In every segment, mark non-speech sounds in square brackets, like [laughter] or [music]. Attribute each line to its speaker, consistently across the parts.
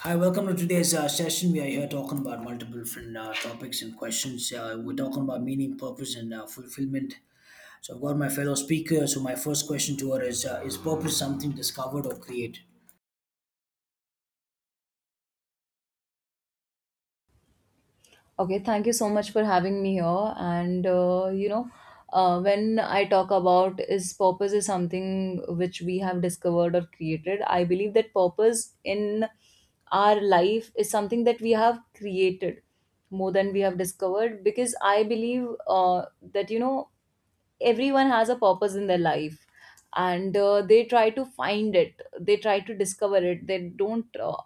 Speaker 1: Hi, welcome to today's session. We are here talking about multiple different topics and questions. We're talking about meaning, purpose, and fulfillment. So I've got my fellow speaker. So my first question to her is: Is purpose something discovered or created?
Speaker 2: Okay, thank you so much for having me here. When I talk about is purpose is something which we have discovered or created. I believe that purpose in our life is something that we have created more than we have discovered, because I believe that everyone has a purpose in their life, and they try to find it, they try to discover it, they don't uh,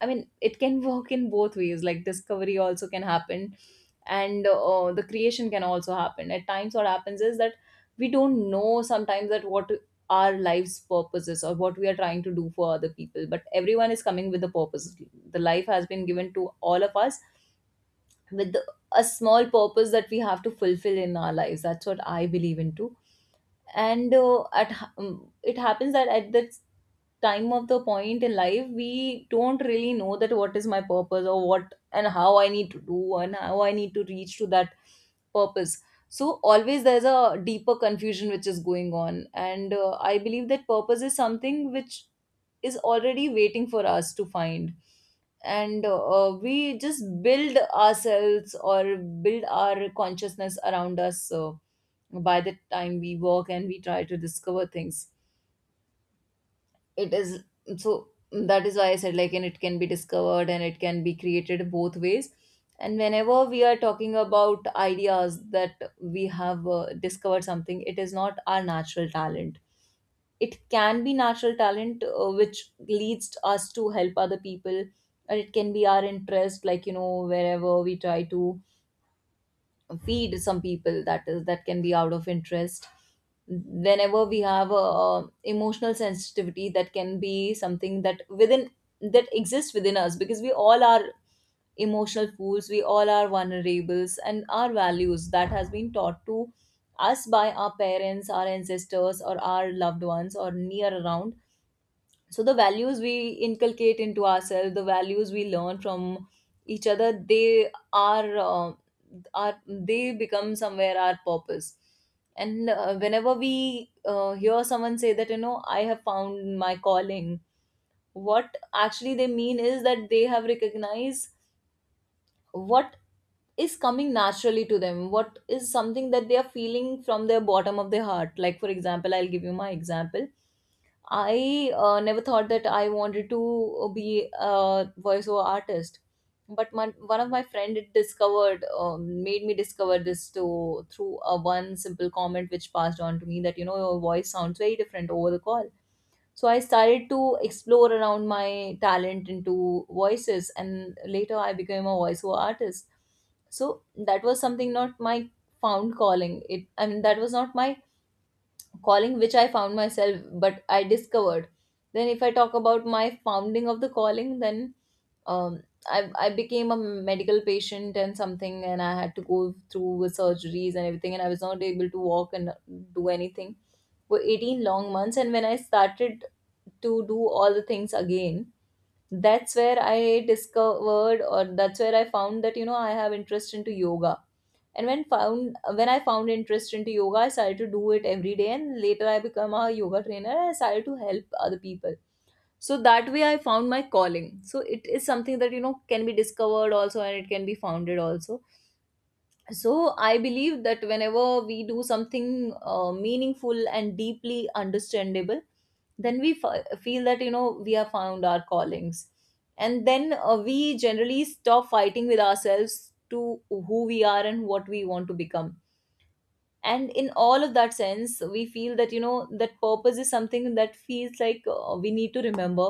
Speaker 2: i mean it can [laughs] work in both ways. Like discovery also can happen, and the creation can also happen. At times what happens is that we don't know sometimes that what our life's purpose is or what we are trying to do for other people, but everyone is coming with a purpose. The life has been given to all of us with a small purpose that we have to fulfill in our lives. That's what I believe into. And it happens that at that time of the point in life, we don't really know that what is my purpose or what and how I need to do and how I need to reach to that purpose. So always there's a deeper confusion which is going on, and I believe that purpose is something which is already waiting for us to find, and we just build ourselves or build our consciousness around us by the time we work and we try to discover things. It is, so that is why I said, like, and it can be discovered and it can be created both ways. And whenever we are talking about ideas that we have discovered something, it is not our natural talent. It can be natural talent which leads us to help other people, and it can be our interest, like, you know, wherever we try to feed some people, that is, that can be out of interest. Whenever we have emotional sensitivity, that can be something that within, that exists within us, because we all are emotional fools, we all are vulnerables, and our values that has been taught to us by our parents, our ancestors, or our loved ones or near around. So the values we inculcate into ourselves, the values we learn from each other, they are they become somewhere our purpose. And whenever we hear someone say that, you know, I have found my calling, what actually they mean is that they have recognized what is coming naturally to them, what is something that they are feeling from their bottom of their heart. Like, for example, I'll give you my example. I never thought that I wanted to be a voiceover artist, but my, one of my friend had discovered, made me discover this to through a one simple comment which passed on to me that, you know, your voice sounds very different over the call. So I started to explore around my talent into voices, and later I became a voiceover artist. So that was something not my found calling. It, I mean, that was not my calling which I found myself, but I discovered. Then, if I talk about my founding of the calling, then I became a medical patient and something, and I had to go through with surgeries and everything, and I was not able to walk and do anything for 18 long months. And when I started to do all the things again, that's where I discovered, or that's where I found that, you know, I have interest into yoga. And when found, when I found interest into yoga, I started to do it every day, and later I became a yoga trainer, I started to help other people. So that way I found my calling. So it is something that, you know, can be discovered also, and it can be founded also. So I believe that whenever we do something meaningful and deeply understandable, then we feel that, you know, we have found our callings. And then we generally stop fighting with ourselves to who we are and what we want to become. And in all of that sense, we feel that, you know, that purpose is something that feels like we need to remember,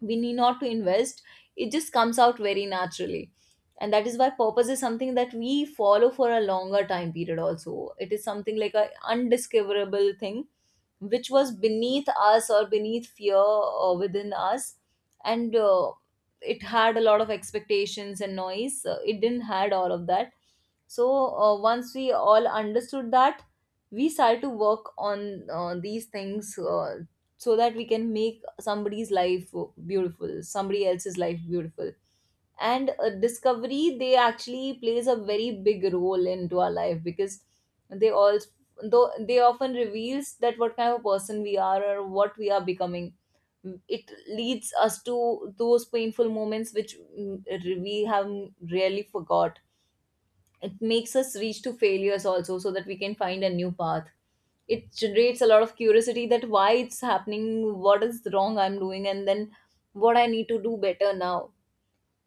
Speaker 2: we need not to invest, it just comes out very naturally. And that is why purpose is something that we follow for a longer time period also. It is something like a undiscoverable thing which was beneath us or beneath fear within us. And it had a lot of expectations and noise. It didn't had all of that. So once we all understood that, we started to work on these things so that we can make somebody's life beautiful, somebody else's life beautiful. And discovery, they actually plays a very big role into our life, because they all, though they often reveals that what kind of a person we are or what we are becoming. It leads us to those painful moments which we have really forgot. It makes us reach to failures also, so that we can find a new path. It generates a lot of curiosity, that why it's happening, what is wrong I'm doing, and then what I need to do better now.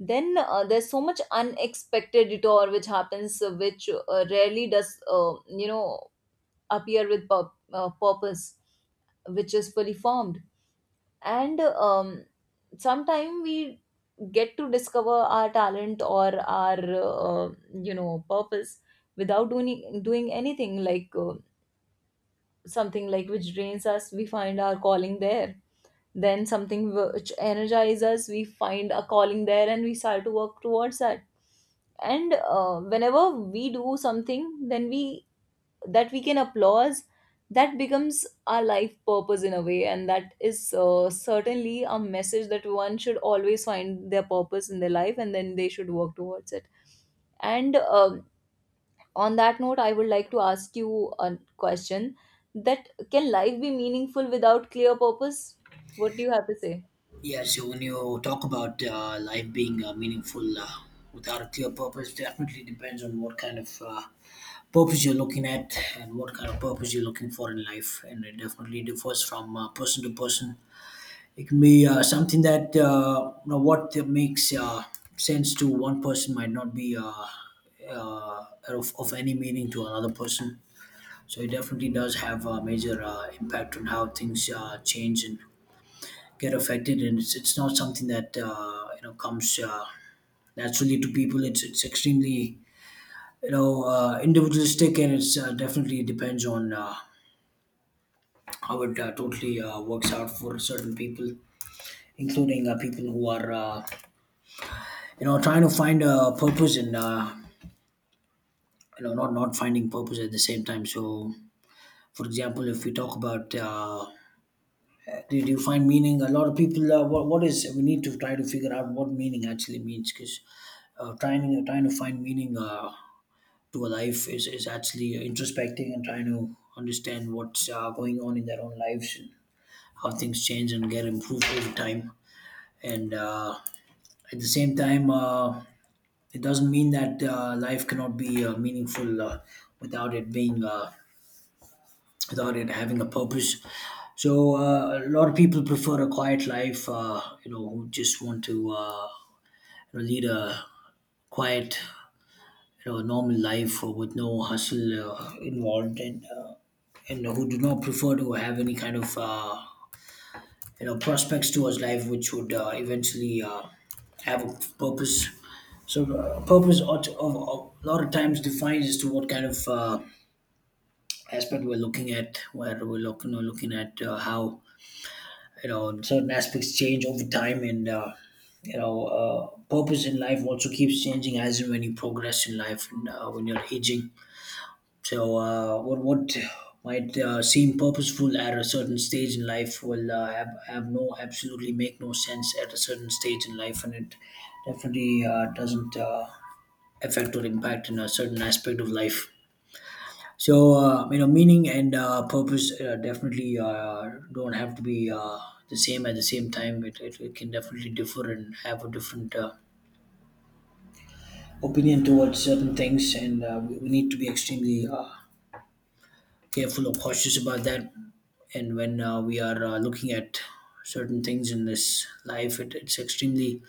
Speaker 2: Then there's so much unexpected detour which happens, which rarely does uh, you know appear with purpose, which is fully formed. And sometime we get to discover our talent or our purpose without doing anything. Like something like which drains us, we find our calling there. Then something which energizes us, we find a calling there, and we start to work towards that. And whenever we do something, then we, that we can applaud, that becomes our life purpose in a way. And that is certainly a message that one should always find their purpose in their life, and then they should work towards it. And on that note, I would like to ask you a question, that can life be meaningful without clear purpose? What do you have to say?
Speaker 1: Yeah. So when you talk about life being meaningful without a clear purpose, definitely depends on what kind of purpose you're looking at and what kind of purpose you're looking for in life, and it definitely differs from person to person. It can be something that you know what makes sense to one person might not be of any meaning to another person. So it definitely does have a major impact on how things change and get affected. And it's not something that you know comes naturally to people. It's extremely you know individualistic, and it's definitely depends on how it totally works out for certain people, including people who are. You know, trying to find a purpose and you know not finding purpose at the same time. So for example, if we talk about did you find meaning, a lot of people what is, we need to try to figure out what meaning actually means, because trying to find meaning to a life is actually introspecting and trying to understand what's going on in their own lives and how things change and get improved over time. And at the same time, it doesn't mean that life cannot be meaningful without it being without it having a purpose. So a lot of people prefer a quiet life. You know, who just want to you know, lead a quiet, you know, normal life with no hustle involved, and who do not prefer to have any kind of you know prospects to his life which would eventually have a purpose. So purpose ought to- of- a lot of times defined as to what kind of aspect we're looking at how you know certain aspects change over time, and you know purpose in life also keeps changing as and when you progress in life and when you're aging. So, what might seem purposeful at a certain stage in life will have no, absolutely make no sense at a certain stage in life, and it definitely doesn't affect or impact in a certain aspect of life. So, you know, meaning and purpose definitely don't have to be the same at the same time. It can definitely differ and have a different opinion towards certain things, and we need to be extremely careful or cautious about that. And when we are looking at certain things in this life, it's extremely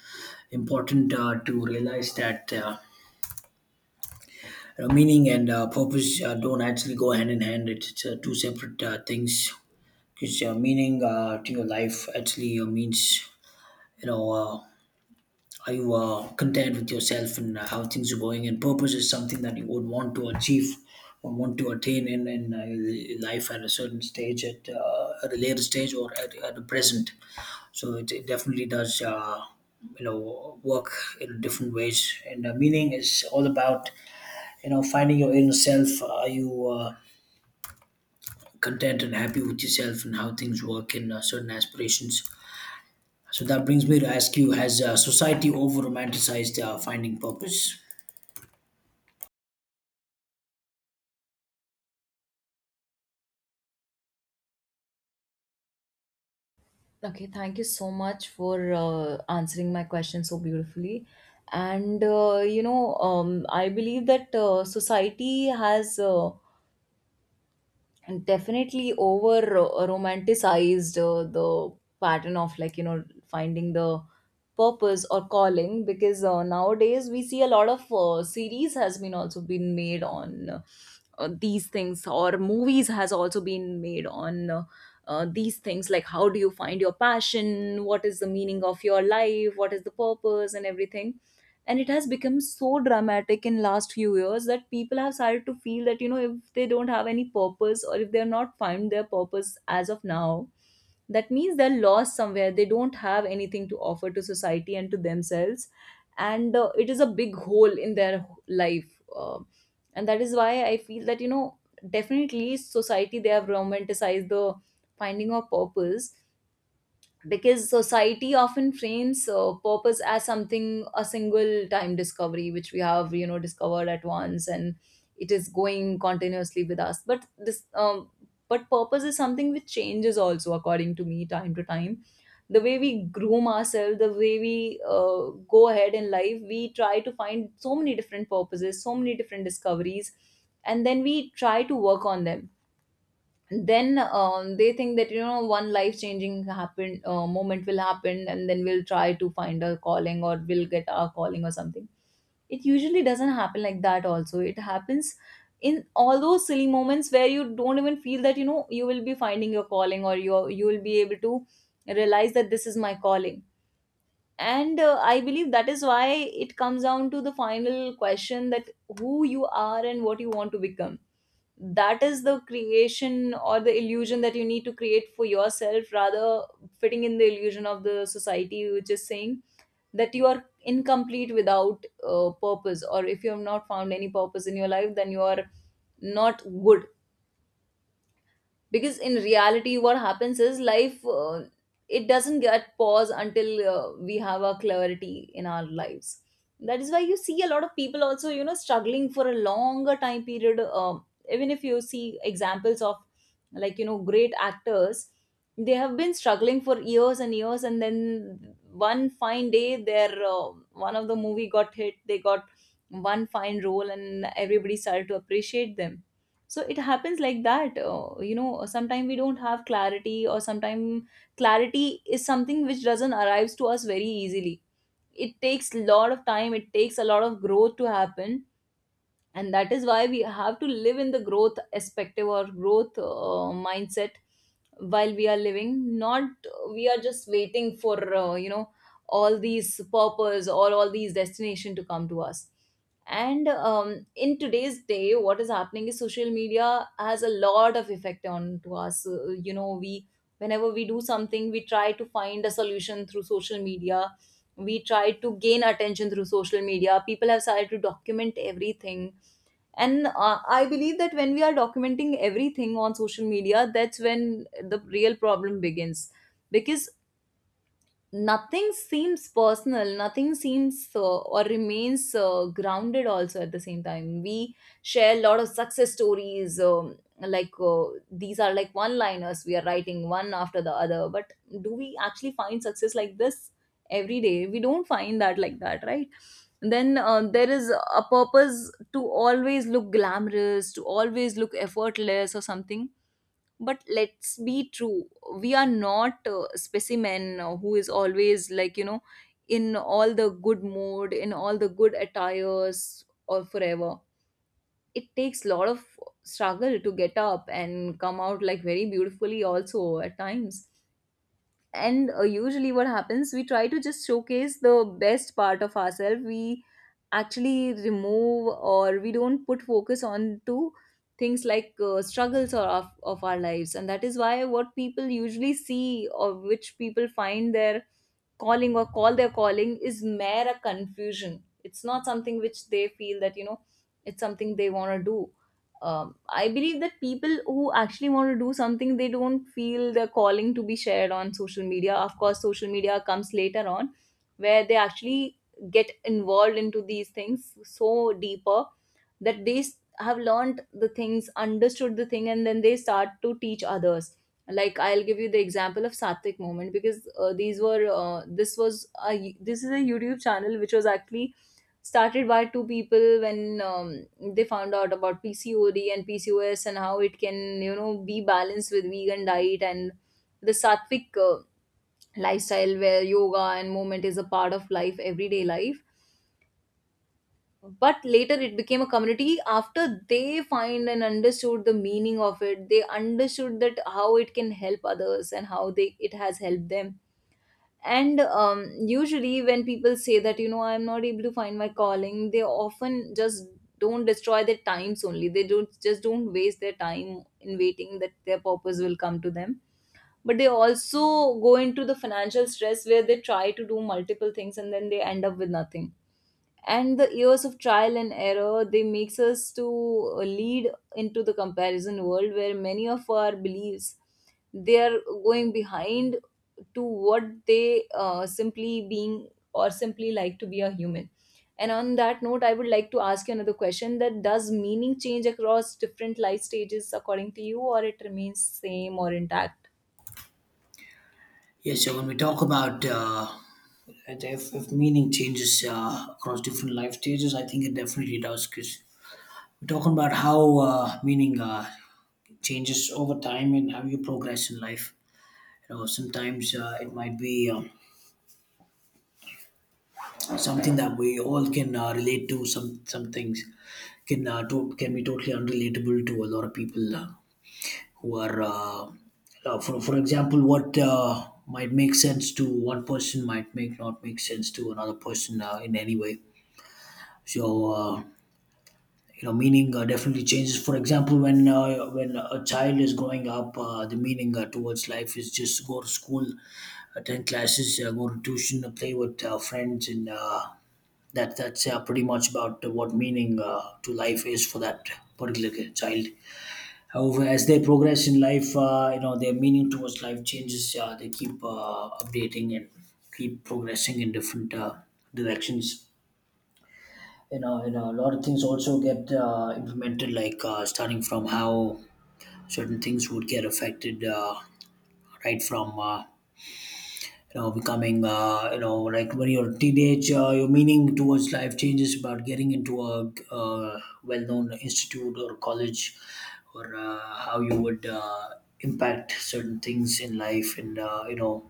Speaker 1: important to realize that you know, meaning and purpose don't actually go hand in hand. It's two separate things, because meaning to your life actually means you know. Are you content with yourself and how things are going? And purpose is something that you would want to achieve or want to attain in life at a certain stage, at a later stage, or at the present. So it definitely does, you know, work in different ways. And meaning is all about, you know, finding your inner self. Are you content and happy with yourself and how things work in certain aspirations? So that brings me to ask you: Has society over romanticized finding purpose?
Speaker 2: Okay, thank you so much for answering my question so beautifully. And I believe that society has and definitely over romanticized the pattern of, like, you know, finding the purpose or calling. Because nowadays we see a lot of series has been also been made on these things, or movies has also been made on these things. Like, how do you find your passion, what is the meaning of your life, what is the purpose, and everything. And it has become so dramatic in last few years that people have started to feel that, you know, if they don't have any purpose or if they are not find their purpose as of now, that means they're lost somewhere, they don't have anything to offer to society and to themselves. And it is a big hole in their life. And that is why I feel that, you know, definitely society, they have romanticized the finding of purpose. Because society often frames purpose as something a single time discovery which we have, you know, discovered at once, and it is going continuously with us. But this but purpose is something which changes also, according to me, time to time. The way we groom ourselves, the way we go ahead in life, we try to find so many different purposes, so many different discoveries, and then we try to work on them. Then they think that, you know, one life changing happen moment will happen, and then we'll try to find our calling, or we'll get our calling or something. It usually doesn't happen like that also. It happens in all those silly moments where you don't even feel that, you know, you will be finding your calling, or you will be able to realize that this is my calling. And I believe that is why it comes down to the final question, that who you are and what you want to become. That is the creation or the illusion that you need to create for yourself, rather fitting in the illusion of the society which is saying that you are incomplete without purpose, or if you have not found any purpose in your life, then you are not good. Because in reality, what happens is, life it doesn't get pause until we have a clarity in our lives. That is why you see a lot of people also, you know, struggling for a longer time period. Even if you see examples of, like, you know, great actors, they have been struggling for years and years, and then one fine day their one of the movie got hit, they got one fine role, and everybody started to appreciate them. So it happens like that, sometimes we don't have clarity, or sometimes clarity is something which doesn't arrives to us very easily. It takes a lot of time, it takes a lot of growth to happen. And that is why we have to live in the growth perspective or growth mindset while we are living, not we are just waiting for all these purpose or all these destination to come to us. And in today's day, what is happening is social media has a lot of effect on to us. We, whenever we do something, we try to find a solution through social media. We try to gain attention through social media. People have started to document everything, and I believe that when we are documenting everything on social media, that's when the real problem begins, because nothing seems personal, nothing seems or remains grounded. Also, at the same time, we share a lot of success stories, like, these are like one liners we are writing one after the other. But do we actually find success like this? Every day we don't find that like that, right? Then there is a purpose to always look glamorous, to always look effortless or something. But let's be true, we are not a specimen who is always, like, in all the good mood, in all the good attires, or forever. It takes a lot of struggle to get up and come out, like, very beautifully also at times. And usually what happens, we try to just showcase the best part of ourselves. We actually remove or we don't put focus on to things like struggles or of our lives, and that is why what people usually see, or which people find their calling, or call they're calling, is mere a confusion. It's not something which they feel that, it's something they want to do. I believe that people who actually want to do something, they don't feel the calling to be shared on social media. Of course, social media comes later on where they actually get involved into these things so deeper, that they have learned the things, understood the thing, and then they start to teach others. Like I'll give you the example of Satvik Moment, because these were this was a, this is a YouTube channel which was actually started by two people when they found out about PCOD and PCOS and how it can, be balanced with vegan diet and the Satvik lifestyle, where yoga and movement is a part of life, everyday life. But later it became a community after they find and understood the meaning of it. They understood that how it can help others and how they it has helped them. And usually when people say that, I'm not able to find my calling, they often just don't destroy their times only, they don't just don't waste their time in waiting that their purpose will come to them. But they also go into the financial stress where they try to do multiple things and then they end up with nothing. And the years of trial and error, they makes us to lead into the comparison world where many of our beliefs, they are going behind to what they simply being or simply like to be a human. And on that note, I would like to ask you another question, that does meaning change across different life stages according to you, or it remains same or intact?
Speaker 1: Yeah, so when we talk about that if meaning changes across different life stages, I think it definitely does, because we're talking about how meaning changes over time and how you progress in life. You know, sometimes it might be something that we all can relate to. Some things can can be totally unrelatable to a lot of people. Who are for example, what might make sense to one person might make not make sense to another person in any way. So you know meaning definitely changes, for example, when when a child is growing up, the meaning towards life is just go to school, attend classes, go to tuition, play with friends, and that's pretty much about what meaning to life is for that particular child. However, as they progress in life, you know their meaning towards life changes. They keep updating and keep progressing in different directions. You know, a lot of things also get implemented, like starting from how certain things would get affected, right from you know becoming you know, like when you're a teenager, your meaning towards life changes about getting into a well-known institute or college or how you would impact certain things in life and you know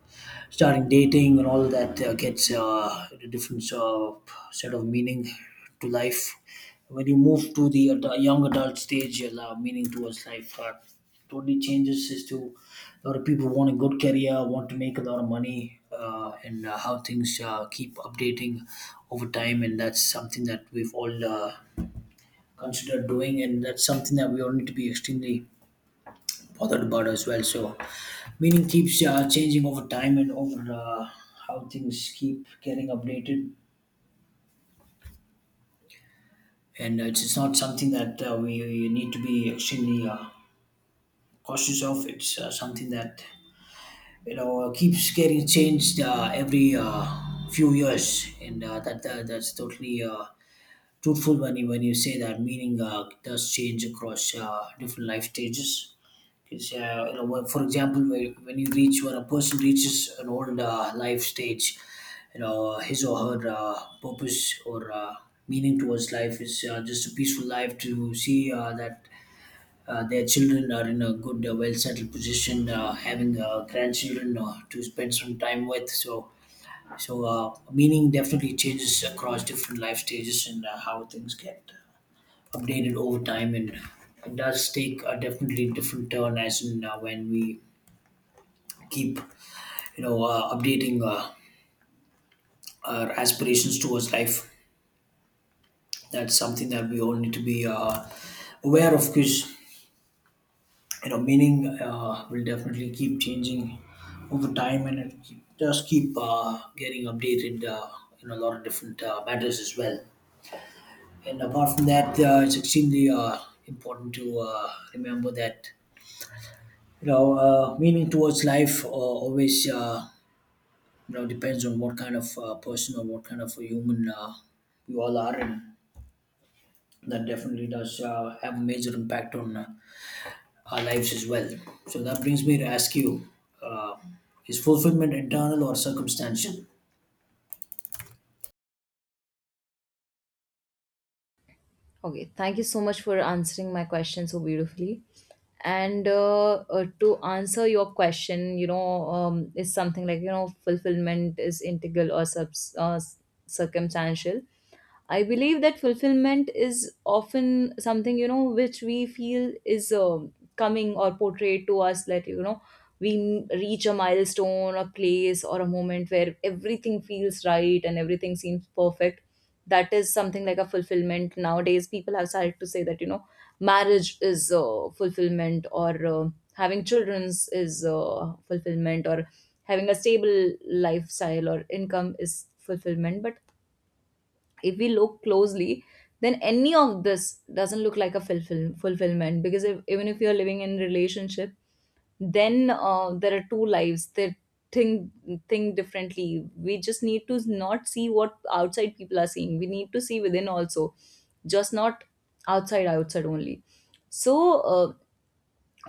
Speaker 1: starting dating and all that gets a different set of meaning to life. When you move to the young adult stage, your will meaning towards life. Totally changes is to a lot of people want a good career, want to make a lot of money, and how things keep updating over time. And that's something that we've all considered doing, and that's something that we all need to be extremely bothered about as well. So, meaning keeps changing over time and over how things keep getting updated. And it's not something that we need to be extremely cost yourself. It's something that you know keeps getting changed every few years, and that, that that's totally truthful when you say that. Meaning does change across different life stages. Because you know, for example, when you reach when a person reaches an old life stage, you know his or her purpose or meaning towards life is just a peaceful life to see that their children are in a good, well-settled position, having grandchildren to spend some time with. So, meaning definitely changes across different life stages and how things get updated over time, and it does take a definitely different turn as in when we keep, you know, updating our aspirations towards life. That's something that we all need to be aware of, because you know meaning will definitely keep changing over time and it does keep getting updated in a lot of different matters as well. And apart from that, it's extremely important to remember that you know meaning towards life always you know depends on what kind of person or what kind of a human you all are, and that definitely does have a major impact on our lives as well. So that brings me to ask you, uh, is fulfillment internal or circumstantial?
Speaker 2: Okay, thank you so much for answering my question so beautifully. And to answer your question, is something like, fulfillment is integral or circumstantial. I believe that fulfillment is often something, which we feel is coming or portrayed to us, that, we reach a milestone, a place, or a moment where everything feels right and everything seems perfect. That is something like a fulfillment. Nowadays, people have started to say that, marriage is fulfillment, or having childrens is fulfillment, or having a stable lifestyle or income is fulfillment. But if we look closely, then any of this doesn't look like a fulfillment, because if, even if you're living in relationship, then there are two lives that think think differently. We just need to not see what outside people are seeing, we need to see within also, just not outside, outside only. So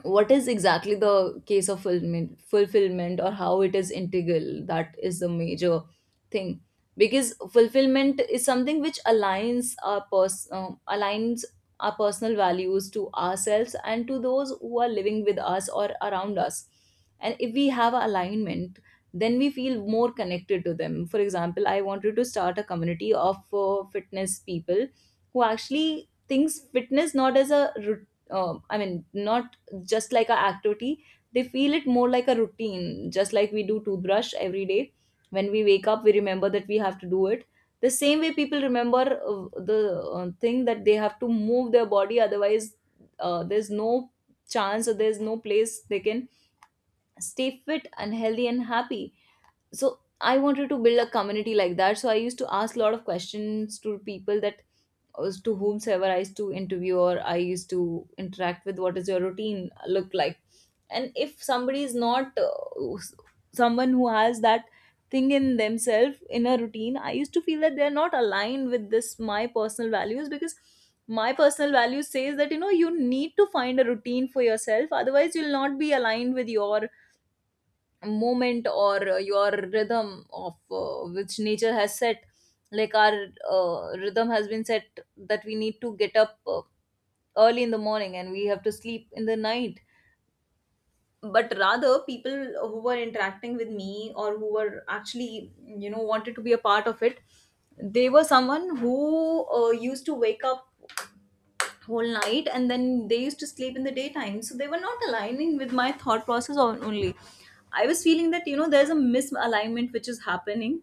Speaker 2: what is exactly the case of fulfillment, or how it is integral, that is the major thing, because fulfillment is something which aligns our aligns our personal values to ourselves and to those who are living with us or around us. And if we have alignment, then we feel more connected to them. For example, I wanted to start a community of fitness people who actually thinks fitness, not as a I mean, not just like a activity, they feel it more like a routine. Just like we do toothbrush every day, when we wake up we remember that we have to do it, the same way people remember the thing that they have to move their body. Otherwise there's no chance or there's no place they can stay fit and healthy and happy. So I wanted to build a community like that. So I used to ask a lot of questions to people, that was to whomsoever I used to interview or I used to interact with: what is your routine look like? And if somebody is not someone who has that thing in themselves in a routine, I used to feel that they're not aligned with this my personal values, because my personal value says that, you need to find a routine for yourself, otherwise you'll not be aligned with your moment or your rhythm of which nature has set. Like our rhythm has been set, that we need to get up early in the morning and we have to sleep in the night. But rather, people who were interacting with me or who were actually, wanted to be a part of it, they were someone who used to wake up whole night and then they used to sleep in the daytime. So they were not aligning with my thought process only I was feeling that, there's a misalignment which is happening,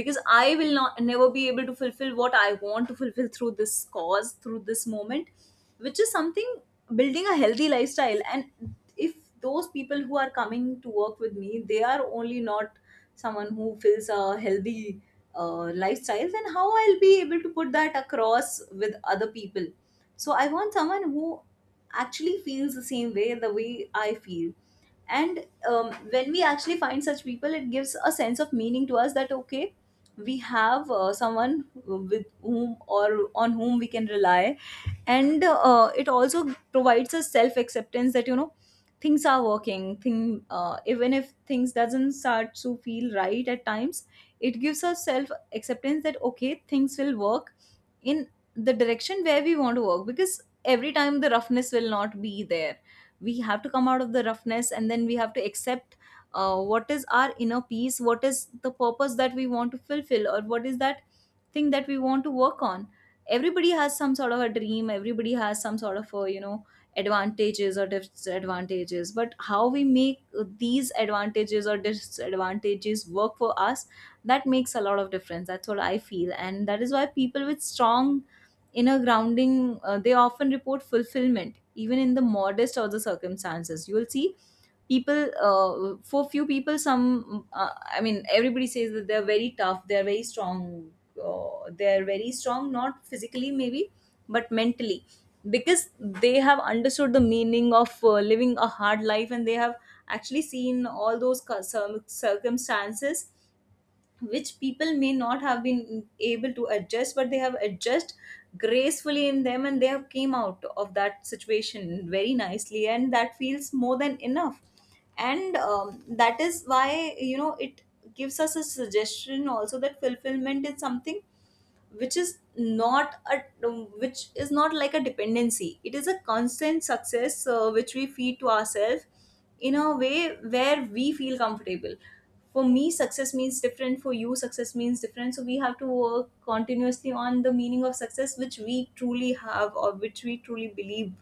Speaker 2: because I will not never be able to fulfill what I want to fulfill through this cause, through this moment, which is something, building a healthy lifestyle. And if those people who are coming to work with me, they are only not someone who fills a healthy lifestyle, then how I'll be able to put that across with other people? So I want someone who actually feels the same way, the way I feel. And when we actually find such people, it gives a sense of meaning to us, that okay, we have someone with whom or on whom we can rely. And it also provides a self acceptance that, things are working thing even if things doesn't start to feel right at times, it gives us self acceptance that okay, things will work in the direction where we want to work, because every time the roughness will not be there. We have to come out of the roughness and then we have to accept what is our inner peace, what is the purpose that we want to fulfill, or what is that thing that we want to work on. Everybody has some sort of a dream, everybody has some sort of a, advantages or disadvantages, but how we make these advantages or disadvantages work for us, that makes a lot of difference, that's what I feel. And that is why people with strong inner grounding, they often report fulfillment, even in the modest of the circumstances. You will see people, for few people, some, I mean, everybody says that they're very tough, they're very strong, not physically maybe, but mentally, because they have understood the meaning of living a hard life, and they have actually seen all those circumstances which people may not have been able to adjust, but they have adjusted gracefully in them, and they have came out of that situation very nicely, and that feels more than enough. And that is why, it gives us a suggestion also that fulfillment is something which is not a which is not like a dependency, it is a constant success which we feed to ourselves in a way where we feel comfortable. For me success means different, for you success means different, so we have to work continuously on the meaning of success which we truly have or which we truly believe,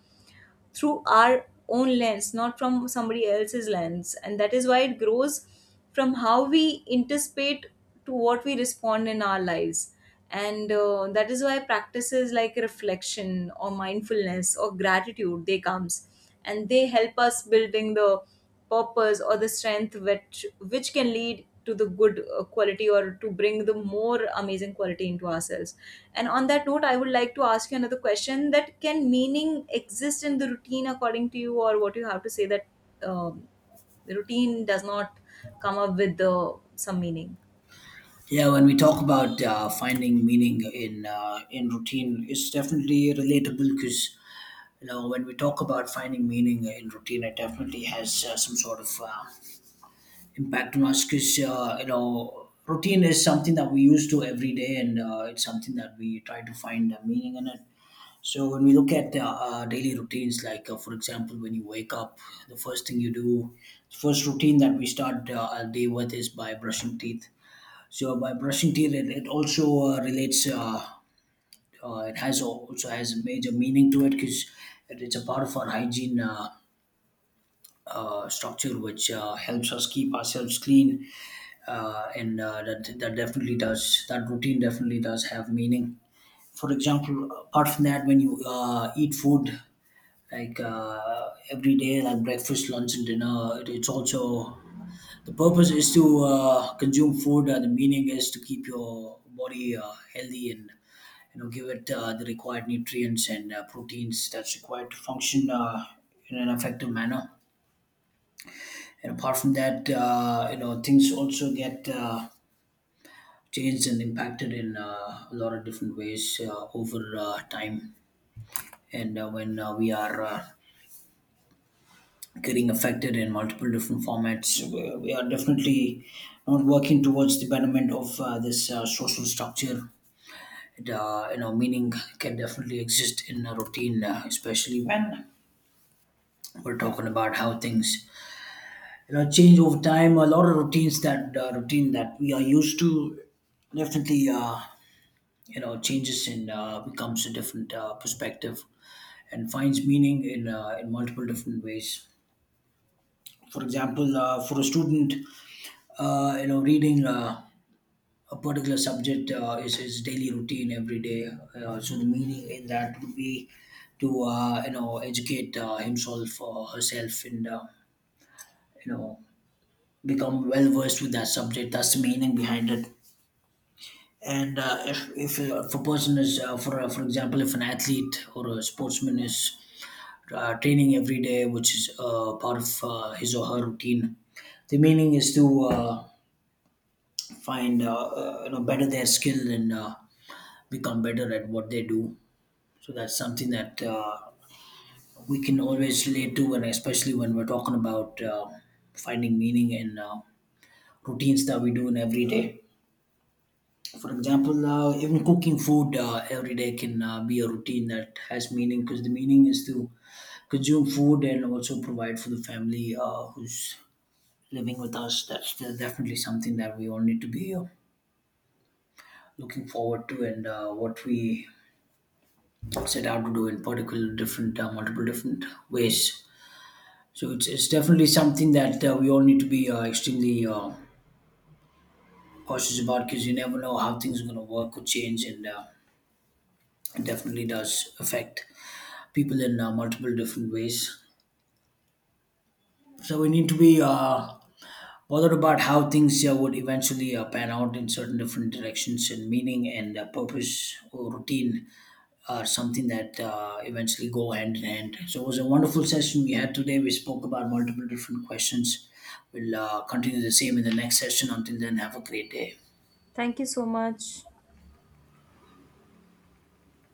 Speaker 2: through our own lens, not from somebody else's lens. And that is why it grows from how we anticipate to what we respond in our lives. And that is why practices like reflection or mindfulness or gratitude, they comes and they help us building the purpose or the strength which can lead to the good quality, or to bring the more amazing quality into ourselves. And on that note, I would like to ask you another question, that can meaning exist in the routine, according to you? Or what you have to say, that um, the routine does not come up with the some meaning.
Speaker 1: Yeah, when we talk about finding meaning in routine, it's definitely relatable, because you know when we talk about finding meaning in routine, it definitely has some sort of impact on us, because you know routine is something that we used to every day, and it's something that we try to find meaning in it. So when we look at daily routines, like for example, when you wake up, the first thing you do, the first routine that we start our day with is by brushing teeth. So by brushing teeth, it also relates. It has also has a major meaning to it, because it's a part of our hygiene structure, which helps us keep ourselves clean, and that definitely does, that routine definitely does have meaning. For example, apart from that, when you eat food, like every day, like breakfast, lunch, and dinner. It, it's also the purpose is to consume food. The meaning is to keep your body healthy and you know give it the required nutrients and proteins that's required to function in an effective manner. And apart from that, you know things also get changed and impacted in a lot of different ways over time. And when we are getting affected in multiple different formats. We are definitely not working towards the betterment of this social structure. You know, meaning can definitely exist in a routine, especially when we're talking about how things you know change over time. A lot of routine that we are used to definitely you know changes and becomes a different perspective and finds meaning in multiple different ways. For example, for a student, you know reading a particular subject is his daily routine every day, so the meaning in that would be to you know educate himself or herself and you know become well versed with that subject. That's the meaning behind it. And if if a person is for example, if an athlete or a sportsman is training every day, which is part of his or her routine, the meaning is to find you know better their skill and become better at what they do. So that's something that we can always relate to, and especially when we're talking about finding meaning in routines that we do in every day. For example, even cooking food every day can be a routine that has meaning, because the meaning is to consume food and also provide for the family who's living with us. That's definitely something that we all need to be looking forward to, and what we set out to do in particular different multiple different ways. So it's definitely something that we all need to be extremely cautious about, because you never know how things are going to work or change, and it definitely does affect people in multiple different ways. So we need to be bothered about how things would eventually pan out in certain different directions, and meaning and purpose or routine are something that eventually go hand in hand. So it was a wonderful session we had today. We spoke about multiple different questions. We'll continue the same in the next session. Until then, have a great day.
Speaker 2: Thank you so much.